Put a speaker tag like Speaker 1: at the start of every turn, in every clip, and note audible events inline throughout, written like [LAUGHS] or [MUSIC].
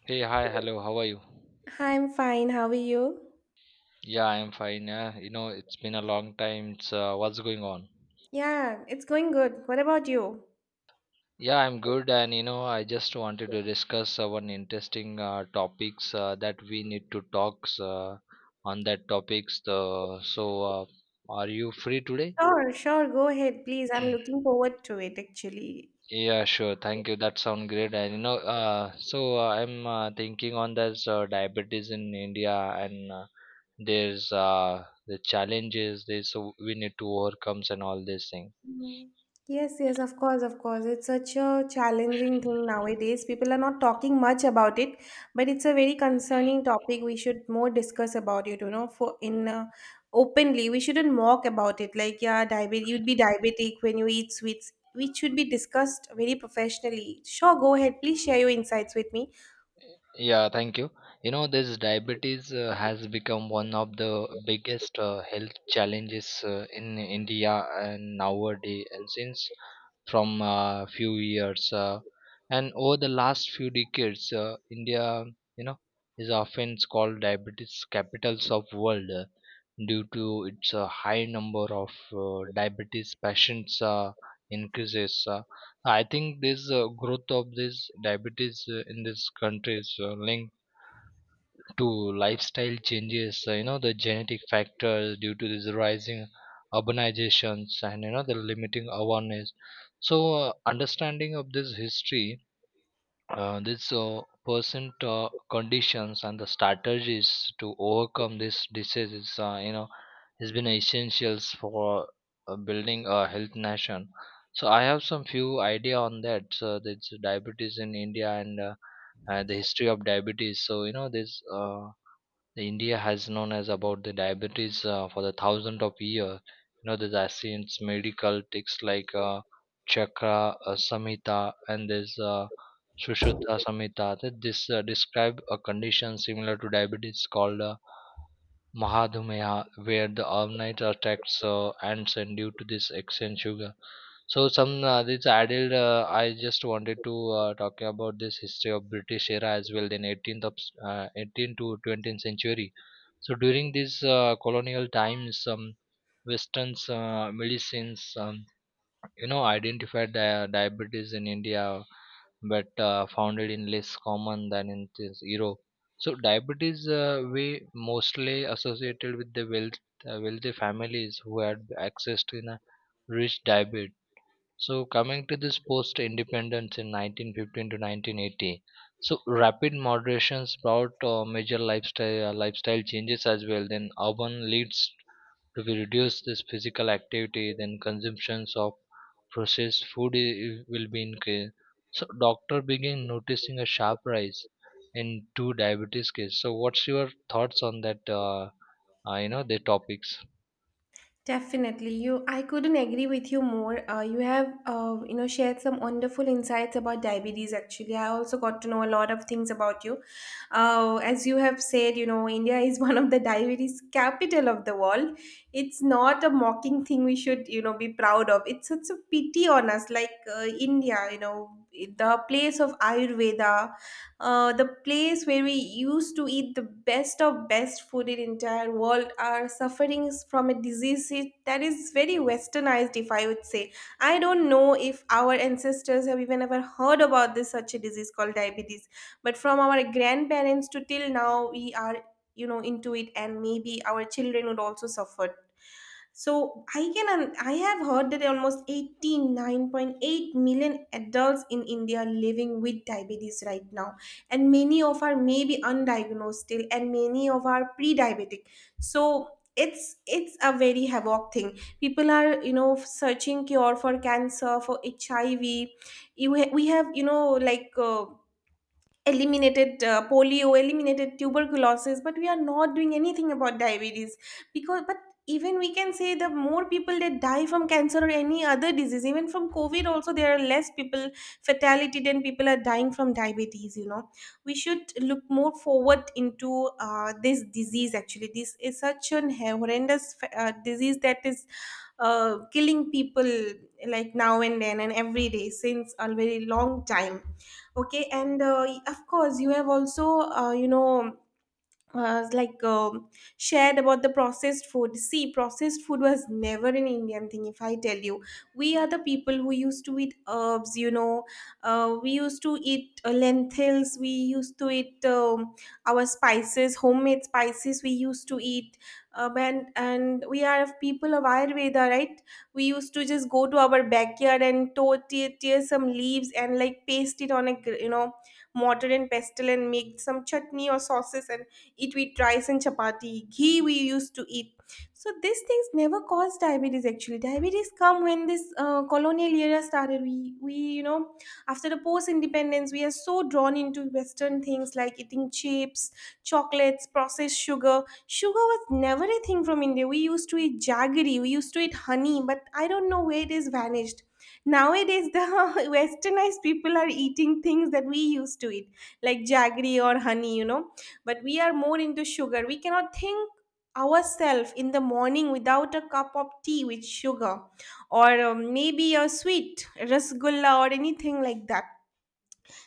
Speaker 1: Hey, hi, hello, how are you?
Speaker 2: Hi, I'm fine. How are you?
Speaker 1: Yeah, I'm fine. Yeah, you know, it's been a long time. So, what's going on?
Speaker 2: Yeah, it's going good. What about you?
Speaker 1: Yeah, I'm good, and you know, I just wanted to discuss one interesting topics that we need to talk on that topics. Are you free today?
Speaker 2: Sure, sure. Go ahead, please. I'm looking
Speaker 1: [CLEARS THROAT]
Speaker 2: forward to it, actually.
Speaker 1: Yeah, sure. Thank you. That sounds great. And you know, I'm thinking on this diabetes in India, and the challenges. There's so we need to overcome and all these things.
Speaker 2: Mm. Yes, yes, of course, of course. It's such a challenging thing nowadays. People are not talking much about it, but it's a very concerning topic. We should more discuss about it, you know, for in openly. We shouldn't mock about it. Like, yeah, diabetic, you'd be diabetic when you eat sweets, which should be discussed very professionally. Sure, go ahead. Please share your insights with me.
Speaker 1: Yeah, thank you. You know, this diabetes has become one of the biggest health challenges in India and nowadays, and since from few years, and over the last few decades, India, you know, is often called diabetes capitals of world due to its high number of diabetes patients increases. I think this growth of this diabetes in this country is linked to lifestyle changes. You know, the genetic factors due to this rising urbanizations and you know the limiting awareness. So understanding of this history this percent conditions and the strategies to overcome this disease is, you know, has been essentials for building a health nation. So I have some few idea on that, so that's diabetes in India, and the history of diabetes. So you know, this the India has known as about the diabetes for the thousand of year. You know, there's ancient medical texts like Chakra Samhita, and there's Sushruta Samhita that this describe a condition similar to diabetes called Mahadhumeha, where the overnight attacks ants and due to this excess sugar. So some this added, I just wanted to talk about this history of British era as well in 18th to 20th century. So during these colonial times, Western's medicines, you know, identified diabetes in India, but found it in less common than in this Europe. So diabetes we mostly associated with the wealth, wealthy families who had access to a rich diet. So coming to this post independence in 1915 to 1980, so rapid moderations brought major lifestyle changes as well. Then urban leads to be reduced this physical activity. Then consumptions of processed will be increased. So doctor began noticing a sharp rise in two diabetes case. So what's your thoughts on that? You know, the topics.
Speaker 2: Definitely, you. I couldn't agree with you more. You have, shared some wonderful insights about diabetes. Actually, I also got to know a lot of things about you. As you have said, India is [LAUGHS] one of the diabetes capital of the world. It's not a mocking thing we should, be proud of. It's such a pity on us, like India, the place of Ayurveda, the place where we used to eat the best of best food in the entire world are suffering from a disease that is very westernized, if I would say. I don't know if our ancestors have even ever heard about this such a disease called diabetes, but from our grandparents to till now we are, into it, and maybe our children would also suffer. So I have heard that almost 89.8 million adults in India are living with diabetes right now, and many of are may be undiagnosed still, and many of are pre-diabetic. So it's a very havoc thing. People are, searching cure for cancer, for HIV. We have, like eliminated polio, eliminated tuberculosis, but we are not doing anything about diabetes. Because, but even we can say the more people that die from cancer or any other disease, even from COVID also, there are less people fatality than people are dying from diabetes. We should look more forward into this disease. Actually, this is such an horrendous disease that is killing people like now and then and every day since a very long time. Okay, and of course, you have also like shared about the processed food. See, processed food was never an Indian thing. If I tell you, we are the people who used to eat herbs. We used to eat lentils. We used to eat our spices, homemade spices, we used to eat. And we are of people of Ayurveda, right? We used to just go to our backyard and tear some leaves and like paste it on a, mortar and pestle, and make some chutney or sauces, and eat with rice and chapati, ghee we used to eat. So these things never caused diabetes actually. Diabetes come when this colonial era started. We, after the post independence, we are so drawn into Western things like eating chips, chocolates, processed sugar. Sugar was never a thing from India. We used to eat jaggery, we used to eat honey, but I don't know where it is vanished. Nowadays, the [LAUGHS] westernized people are eating things that we used to eat, like jaggery or honey, but we are more into sugar. We cannot think ourselves in the morning without a cup of tea with sugar, or maybe a sweet rasgulla or anything like that.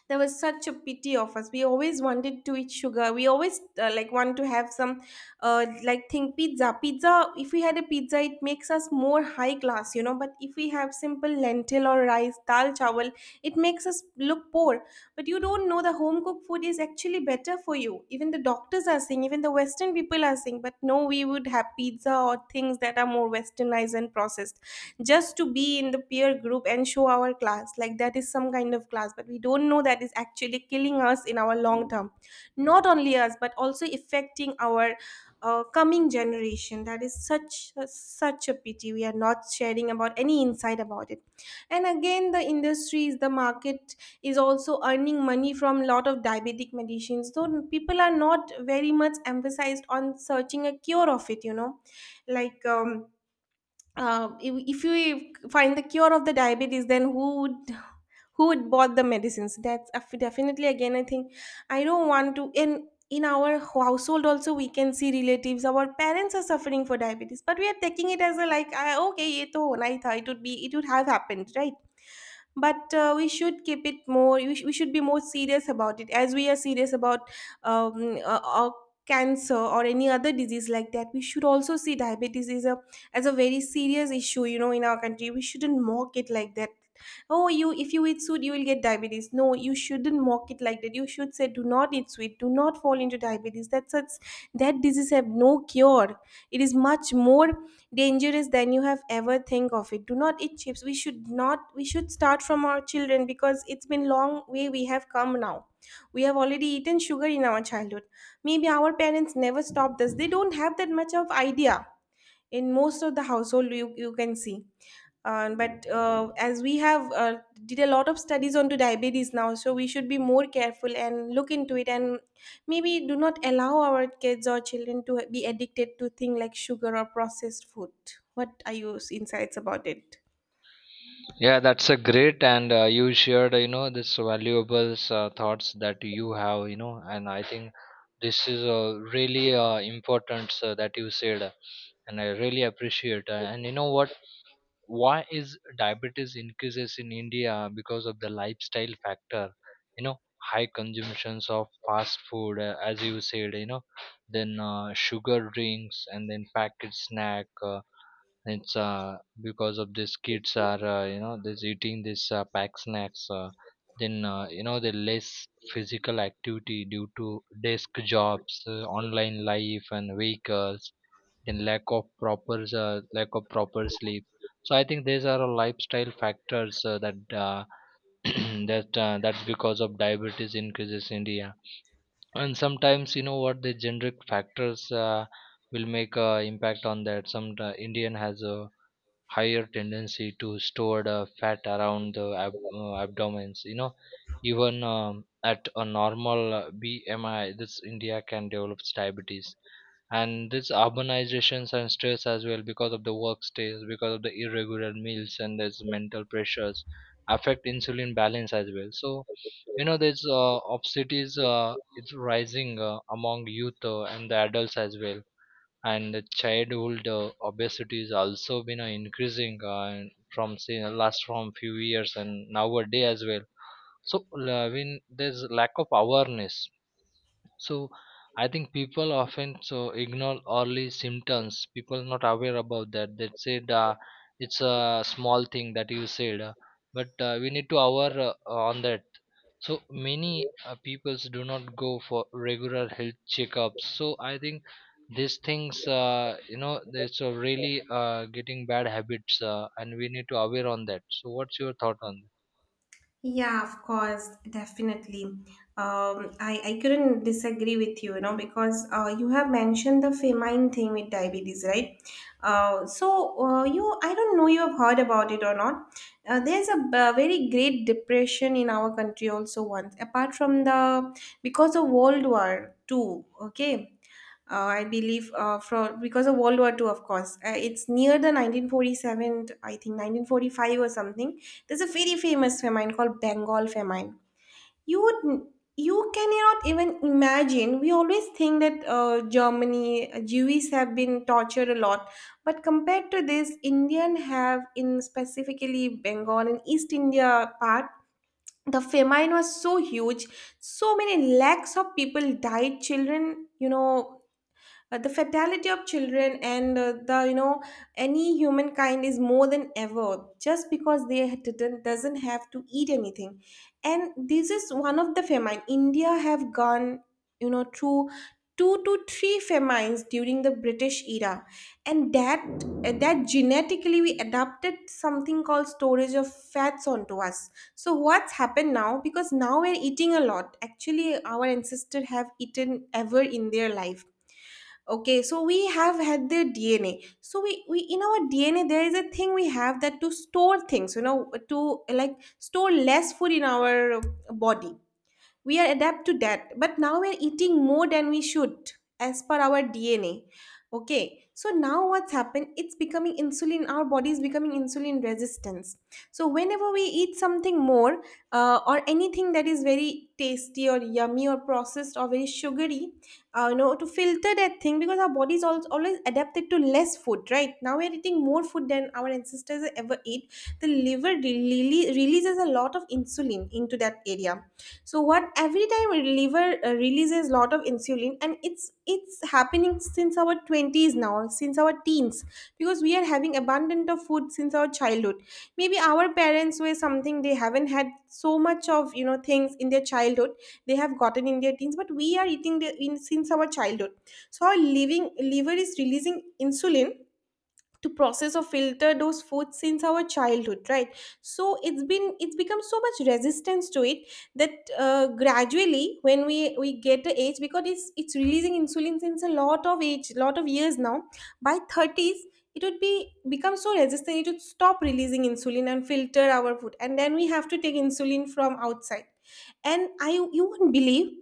Speaker 2: There was such a pity of us. We always wanted to eat sugar. We always, like, want to have some, like, think pizza. If we had a pizza, it makes us more high class, but if we have simple lentil or rice, dal chawal, it makes us look poor. But you don't know the home cooked food is actually better for you. Even the doctors are saying, even the western people are saying, but no, we would have pizza or things that are more westernized and processed just to be in the peer group and show our class, like that is some kind of class. But we don't know that is actually killing us in our long term, not only us, but also affecting our coming generation. That is such a, pity. We are not sharing about any insight about it. And again, the industries, the market is also earning money from lot of diabetic medicines, so people are not very much emphasized on searching a cure of it, like if you find the cure of the diabetes, then who would bought the medicines. That's definitely. Again, I think, I don't want to, in our household also we can see relatives, our parents are suffering for diabetes, but we are taking it as a, like, ah, okay, ye to hona hi tha, it would be, it would have happened, right? But we should keep it more. We we should be more serious about it, as we are serious about um, uh, uh, cancer or any other disease like that. We should also see diabetes is a as a very serious issue, in our country. We shouldn't mock it like that, oh, you if you eat sweet, you will get diabetes. No, you shouldn't mock it like that. You should say, do not eat sweet, do not fall into diabetes. That's such, that disease have no cure. It is much more dangerous than you have ever think of it. Do not eat chips. We should not we should start from our children, because it's been long way we have come now. We have already eaten sugar in our childhood. Maybe our parents never stopped us. They don't have that much of idea in most of the household, you can see but as we have did a lot of studies onto diabetes now, so we should be more careful and look into it, and maybe do not allow our kids or children to be addicted to things like sugar or processed food. What are your insights about it?
Speaker 1: Yeah, that's a great, and you shared, you know, this valuable thoughts that you have, you know, and I think this is really important that you said, and I really appreciate. And you know what? Why is diabetes increases in India? Because of the lifestyle factor? You know, high consumptions of fast food, as you said, you know, then sugar drinks and then packaged snack. It's Because of these, kids are, you know, this eating this pack snacks, then you know the less physical activity due to desk jobs, online life and vehicles, then lack of proper sleep. So I think these are all lifestyle factors that uh, [CLEARS THROAT] that's because of diabetes increases in India. And sometimes, you know what, the generic factors will make a impact on that. Some indian has a higher tendency to store the fat around the abdomens. You know, even at a normal bmi, this india can develop diabetes. And this urbanizations and stress as well, because of the work stress, because of the irregular meals, and there's mental pressures affect insulin balance as well. So you know there's, obesity is it's rising among youth and the adults as well. And childhood obesity is also been increasing, from say, last from few years and nowadays as well. So when there's lack of awareness, so I think people often so ignore early symptoms. People not aware about that. They said, it's a small thing that you said, but we need to aware on that. So many peoples do not go for regular health checkups. So I think these things, you know, it's really getting bad habits, and we need to aware on that. So what's your thought on that?
Speaker 2: Yeah, of course, definitely. I couldn't disagree with you, because you have mentioned the famine thing with diabetes, right? So, I don't know you have heard about it or not. There's a, very great depression in our country also once, apart from the, because of World War II, okay? I believe for because of World War Two, of course. It's near the 1947, I think 1945 or something. There's a very famous famine called Bengal famine. You would you cannot even imagine. We always think that Germany Jews have been tortured a lot, but compared to this, Indian have, in specifically Bengal and East India part. The famine was so huge. So many lakhs of people died. Children, the fatality of children and the, any humankind is more than ever, just because they didn't doesn't have to eat anything. And this is one of the famine. India have gone, through two to three famines during the British era. And that genetically, we adapted something called storage of fats onto us. So what's happened now? Because now we're eating a lot. Actually, our ancestors have eaten ever in their life. Okay, so we have had their DNA. So we in our DNA there is a thing, we have that to store things, you know, to like store less food in our body. We are adapt to that, but now we're eating more than we should as per our DNA. Okay, so now what's happened, it's becoming insulin, our body is becoming insulin resistance. So whenever we eat something more, or anything that is very tasty or yummy or processed or very sugary, you know, to filter that thing, because our body is always adapted to less food. Right now we're eating more food than our ancestors ever ate. The liver really releases a lot of insulin into that area. So what, every time our liver releases lot of insulin, and it's happening since our 20s, now since our teens, because we are having abundant of food since our childhood. Maybe our parents were something they haven't had so much of, you know, things in their childhood. They have gotten in their teens, but we are eating since our childhood. So our living liver is releasing insulin to process or filter those foods since our childhood, right? So it's become so much resistance to it that gradually, when we get the age, because it's releasing insulin since a lot of age, lot of years now. By 30s it would be become so resistant, it would stop releasing insulin and filter our food, and then we have to take insulin from outside. And I you won't believe,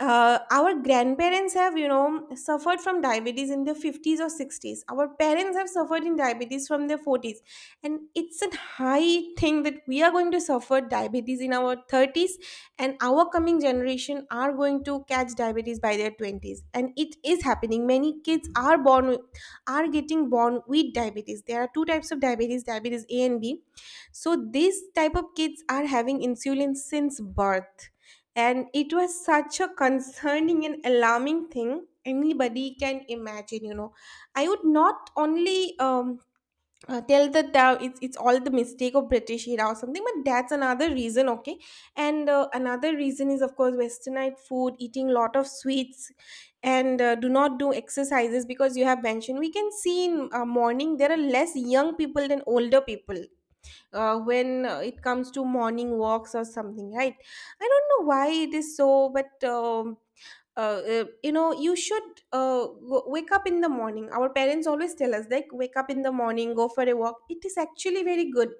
Speaker 2: our grandparents have, you know, suffered from diabetes in their 50s or 60s, our parents have suffered in diabetes from their 40s, and it's a high thing that we are going to suffer diabetes in our 30s. And our coming generation are going to catch diabetes by their 20s, and it is happening, many kids are born with- are getting born with diabetes. There are two types of diabetes, diabetes A and B. So these type of kids are having insulin since birth, and it was such a concerning and alarming thing anybody can imagine, you know. I would not only tell that it's all the mistake of British era or something, but that's another reason, okay? And another reason is, of course, westernized food, eating lot of sweets, and do not do exercises, because you have mentioned we can see in morning there are less young people than older people, when it comes to morning walks or something, right? I don't know why it is so, but you know, you should wake up in the morning. Our parents always tell us like, wake up in the morning, go for a walk, it is actually very good.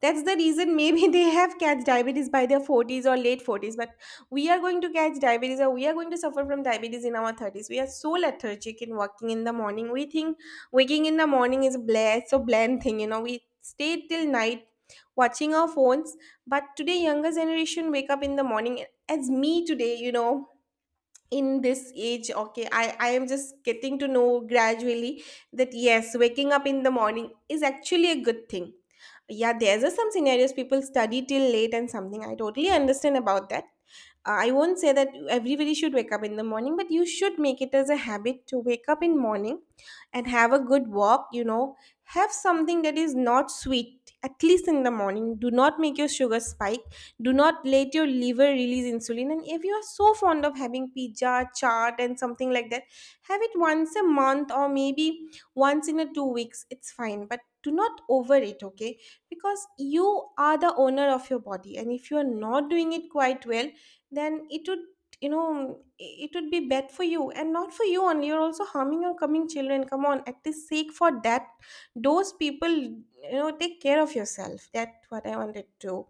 Speaker 2: That's the reason maybe [LAUGHS] they have catch diabetes by their 40s or late 40s, but we are going to catch diabetes or we are going to suffer from diabetes in our 30s. We are so lethargic in working in the morning. We think waking in the morning is a bland, so bland thing, you know. We stay till night watching our phones, but today younger generation wake up in the morning as me today, you know, in this age. Okay, I am just getting to know gradually that yes, waking up in the morning is actually a good thing. Yeah, there's a, some scenarios people study till late and something, I totally understand about that. I won't say that everybody should wake up in the morning, but you should make it as a habit to wake up in morning and have a good walk, you know. Have something that is not sweet at least in the morning. Do not make your sugar spike, do not let your liver release insulin. And if you are so fond of having pizza, chaat and something like that, have it once a month, or maybe once in a 2 weeks, it's fine, but do not over it, okay? Because you are the owner of your body, and if you are not doing it quite well, then it would, you know, it would be bad for you. And not for you only, you're also harming your coming children. Come on, at the sake for that those people, you know, take care of yourself. That's what I wanted to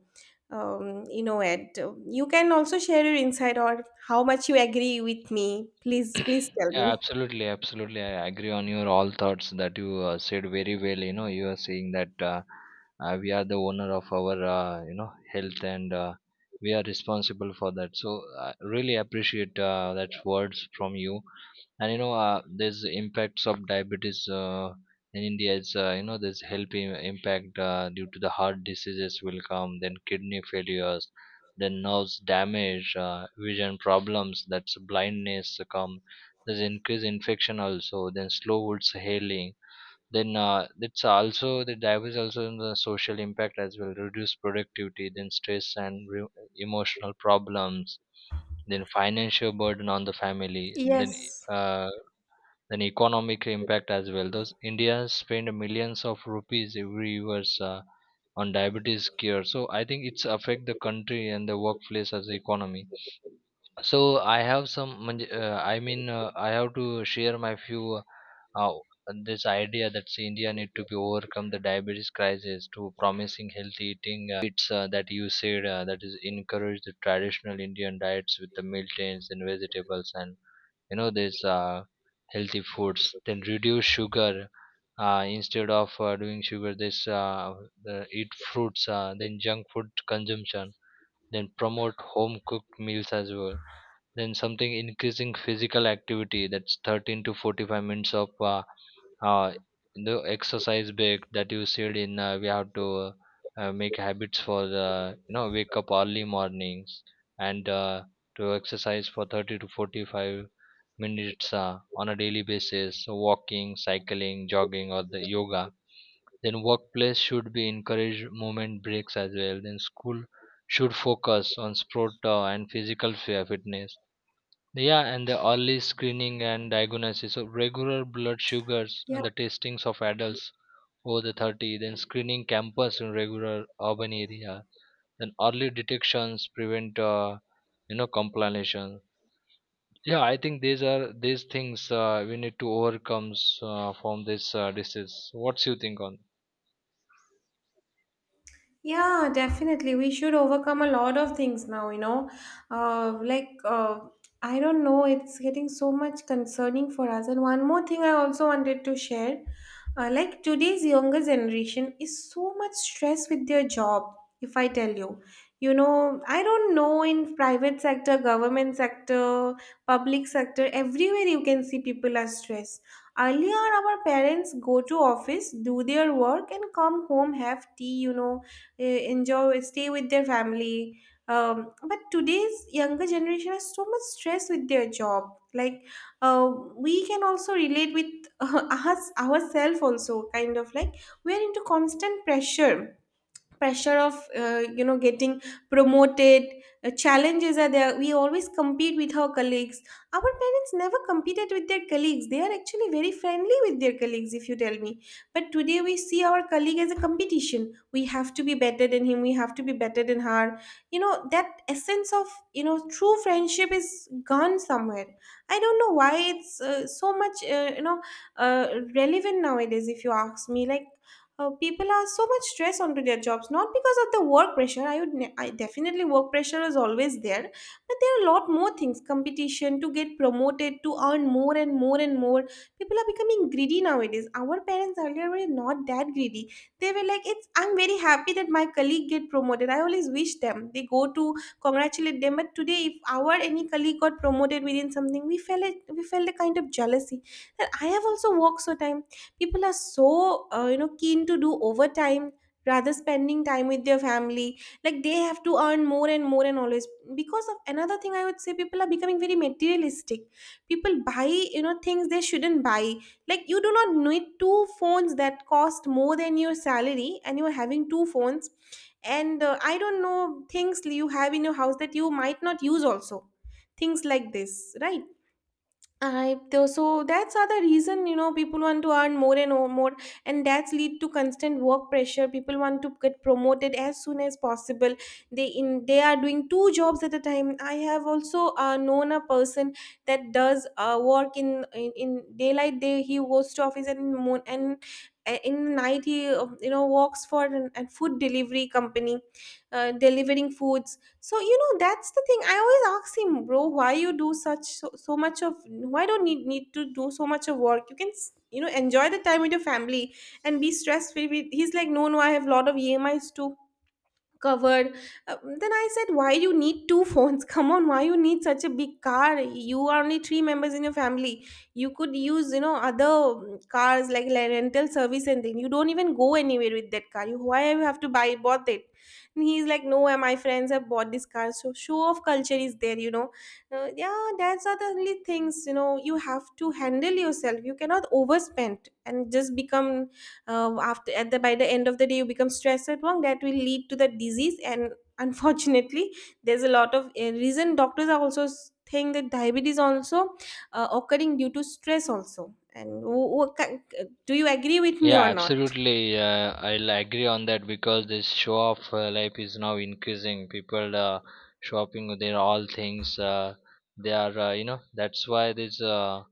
Speaker 2: you know it. You can also share your insight or how much you agree with me, please,
Speaker 1: Yeah,
Speaker 2: please tell me.
Speaker 1: absolutely, absolutely. I agree on your all thoughts that you said very well. You know, you are saying that we are the owner of our, you know, health, and we are responsible for that. So, I really appreciate that words from you. And you know there's impacts of diabetes in India. It's, you know, there's health impact due to the heart diseases will come, then kidney failures, then nerves damage, vision problems, that's blindness come. There's increased infection also, then slow wounds healing, then that's also the diabetes, also in the social impact as well, reduce productivity, then stress and emotional problems, then financial burden on the family, then
Speaker 2: Yes.
Speaker 1: uh, then economic impact as well. Those India spend millions of rupees every year on diabetes cure. So I think it's affect the country and the workplace as economy. So I have some. म्हणजे, I mean, I have to share my few. Uh, this idea that say, India need to be overcome the diabetes crisis to promising healthy eating, it's that you said that is encourage the traditional Indian diets with the meal and vegetables, and you know this healthy foods, then reduce sugar, instead of doing sugar this eat fruits, then junk food consumption, then promote home cooked meals as well, then something increasing physical activity, that's 13 to 45 minutes of uh, the exercise break that you said in, we have to make habits for the, you know, wake up early mornings, and to exercise for 30 to 45 minutes on a daily basis, so walking, cycling, jogging, or the yoga, then workplace should be encourage movement breaks as well, then school should focus on sport and physical fitness. Yeah, and the early screening and diagnosis of regular blood sugars
Speaker 2: Yeah.
Speaker 1: and the testings of adults over the 30, then screening campus in regular urban area, then early detections prevent, you know, complication. Yeah, I think these are these things we need to overcome from this disease. What's you think on?
Speaker 2: Yeah, definitely. We should overcome a lot of things now, you know. Uh, like, uh, I don't know, it's getting so much concerning for us. And one more thing I also wanted to share, like, today's younger generation is so much stressed with their job, if I tell you. You know, I don't know, in private sector, government sector, public sector, everywhere you can see people are stressed. Earlier, our parents go to office, do their work, and come home, have tea, you know, enjoy stay with their family. But today's younger generation has so much stress with their job, like uh, we can also relate with [LAUGHS] us ourselves also, kind of like we're into constant pressure, pressure of you know, getting promoted. Challenges are there, we always compete with our colleagues. Our parents never competed with their colleagues, they are actually very friendly with their colleagues, if you tell me. But today we see our colleague as a competition. We have to be better than him, we have to be better than her. You know, that essence of, you know, true friendship is gone somewhere. I don't know why it's so much you know uh, relevant nowadays, if you ask me, like people are so much stress onto their jobs, not because of the work pressure, I definitely, work pressure is always there, but there are a lot more things. Competition to get promoted, to earn more and more and more. People are becoming greedy nowadays. Our parents earlier were not that greedy, they were like, it's, I'm very happy that my colleague get promoted. I always wish them, they go to congratulate them. But today if our any colleague got promoted within something, we felt a kind of jealousy that I have also worked so time. People are so you know, keen to do overtime rather spending time with their family, like they have to earn more and more. And always, because of another thing I would say, people are becoming very materialistic. People buy, you know, things they shouldn't buy, like you do not need two phones that cost more than your salary, and you are having two phones. And I don't know, things you have in your house that you might not use also, things like this, right? I though so, that's other reason, you know, people want to earn more and more, and that's lead to constant work pressure. People want to get promoted as soon as possible. They are doing two jobs at a time. I have also known a person that does work in daylight day he goes to office, and moon, and in night he you know, works for a food delivery company, delivering foods. So you know, that's the thing. I always ask him, bro, why you do such so, so much of why don't need need to do so much of work? You can you know, enjoy the time with your family and be stress free. He's like, no, no, I have lot of EMIs to covered. Then I said, why you need two phones? [LAUGHS] Come on, why you need such a big car, you are only three members in your family? You could use, you know, other cars, like rental service. And then you don't even go anywhere with that car, you, why you have to buy bought it? And he's like, no, my friends have bought this car. So show off culture is there, you know. Yeah, that's are the only things, you know, you have to handle yourself, you cannot overspend and just become after at the ␣by the end of the day you become stressed at work, that will lead to the disease. And [LAUGHS] unfortunately, there's a lot of reason, doctors are also think that diabetes also occurring due to stress also. And do you agree with me
Speaker 1: Yeah,
Speaker 2: or not?
Speaker 1: absolutely. I'll agree on that, because this show off life is now increasing. People shopping with their all things. They are, you know, that's why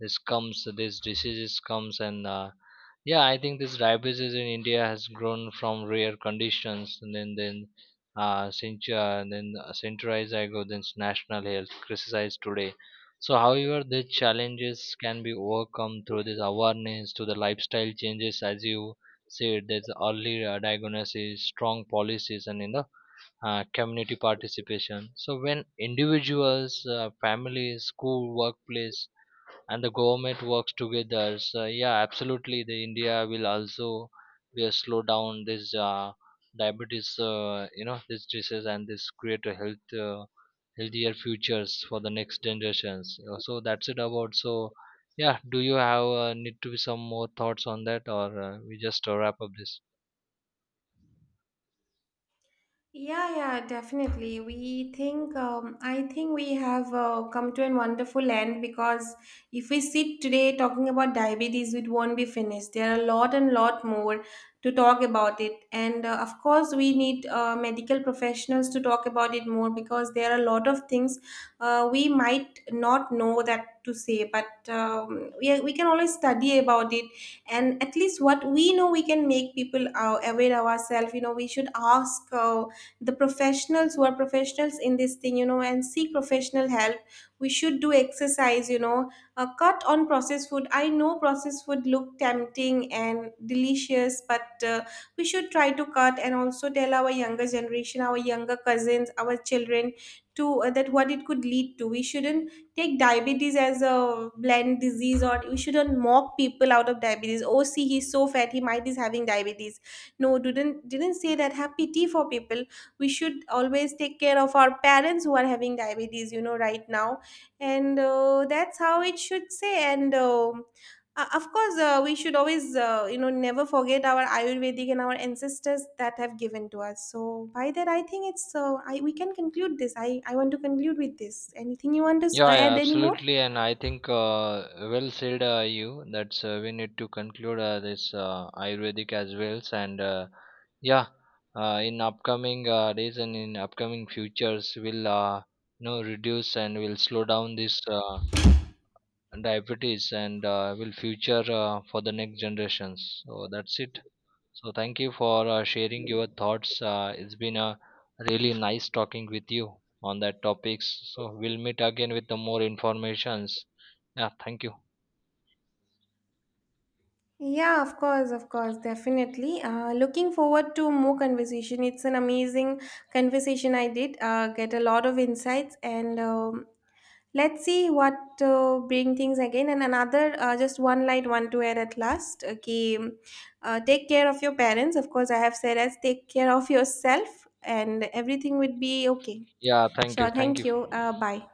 Speaker 1: this comes this diseases comes, and yeah, I think this diabetes in India has grown from rare conditions, and then cent- then centralized, I go, then national health crisis today. So however, the challenges can be overcome through this awareness to the lifestyle changes. As you said, there's early diagnosis, strong policies, and in the community participation. So when individuals, families, school, workplace, and the government works together, so yeah, absolutely, the india will also will slow down this diabetes, you know, this disease, and this create a healthier futures for the next generations. So that's it about. So yeah, do you have need to be some more thoughts on that, or we just wrap up this?
Speaker 2: Yeah, yeah, definitely. We think, I think we have come to a wonderful end, because if we sit today talking about diabetes, it won't be finished. There are a lot and lot more to talk about it. And of course, we need medical professionals to talk about it more, because there are a lot of things we might not know that to say, but we can always study about it. And at least what we know, we can make people aware ourselves. You know, we should ask. The professionals who are professionals in this thing, you know, and seek professional help. We should do exercise, you know, a cut on processed food. I know processed food look tempting and delicious, but we should try to cut, and also tell our younger generation, our younger cousins, our children, to that what it could lead to. We shouldn't take diabetes as a bland disease, or we shouldn't mock people out of diabetes. Oh, see, he's so fat, he might is having diabetes. No, didn't say that. Have pity for people. We should always take care of our parents who are having diabetes, you know, right now. And that's how it should say. And of course, we should always you know, never forget our ayurvedic and our ancestors that have given to us. So by that, I think it's we can conclude this. I want to conclude with this. Anything you want to
Speaker 1: Yeah, yeah,
Speaker 2: add anymore?
Speaker 1: absolutely, and I think, well said, you. That's we need to conclude this Ayurvedic as well, and yeah, in upcoming days and in upcoming futures, we'll you know, reduce and we'll slow down this diabetes, and will future for the next generations. So that's it. So thank you for sharing your thoughts. It's been a really nice talking with you on that topics. So we'll meet again with the more informations. Yeah, thank you.
Speaker 2: Yeah, of course, definitely. Looking forward to more conversation. It's an amazing conversation I did. Get a lot of insights, and let's see what bring things again. And another, just one light one to add at last. Okay, take care of your parents. Of course, I have said as take care of yourself, and everything would be okay.
Speaker 1: Yeah, thank you.
Speaker 2: Sure.
Speaker 1: Thank
Speaker 2: Thank
Speaker 1: you.
Speaker 2: you. Bye.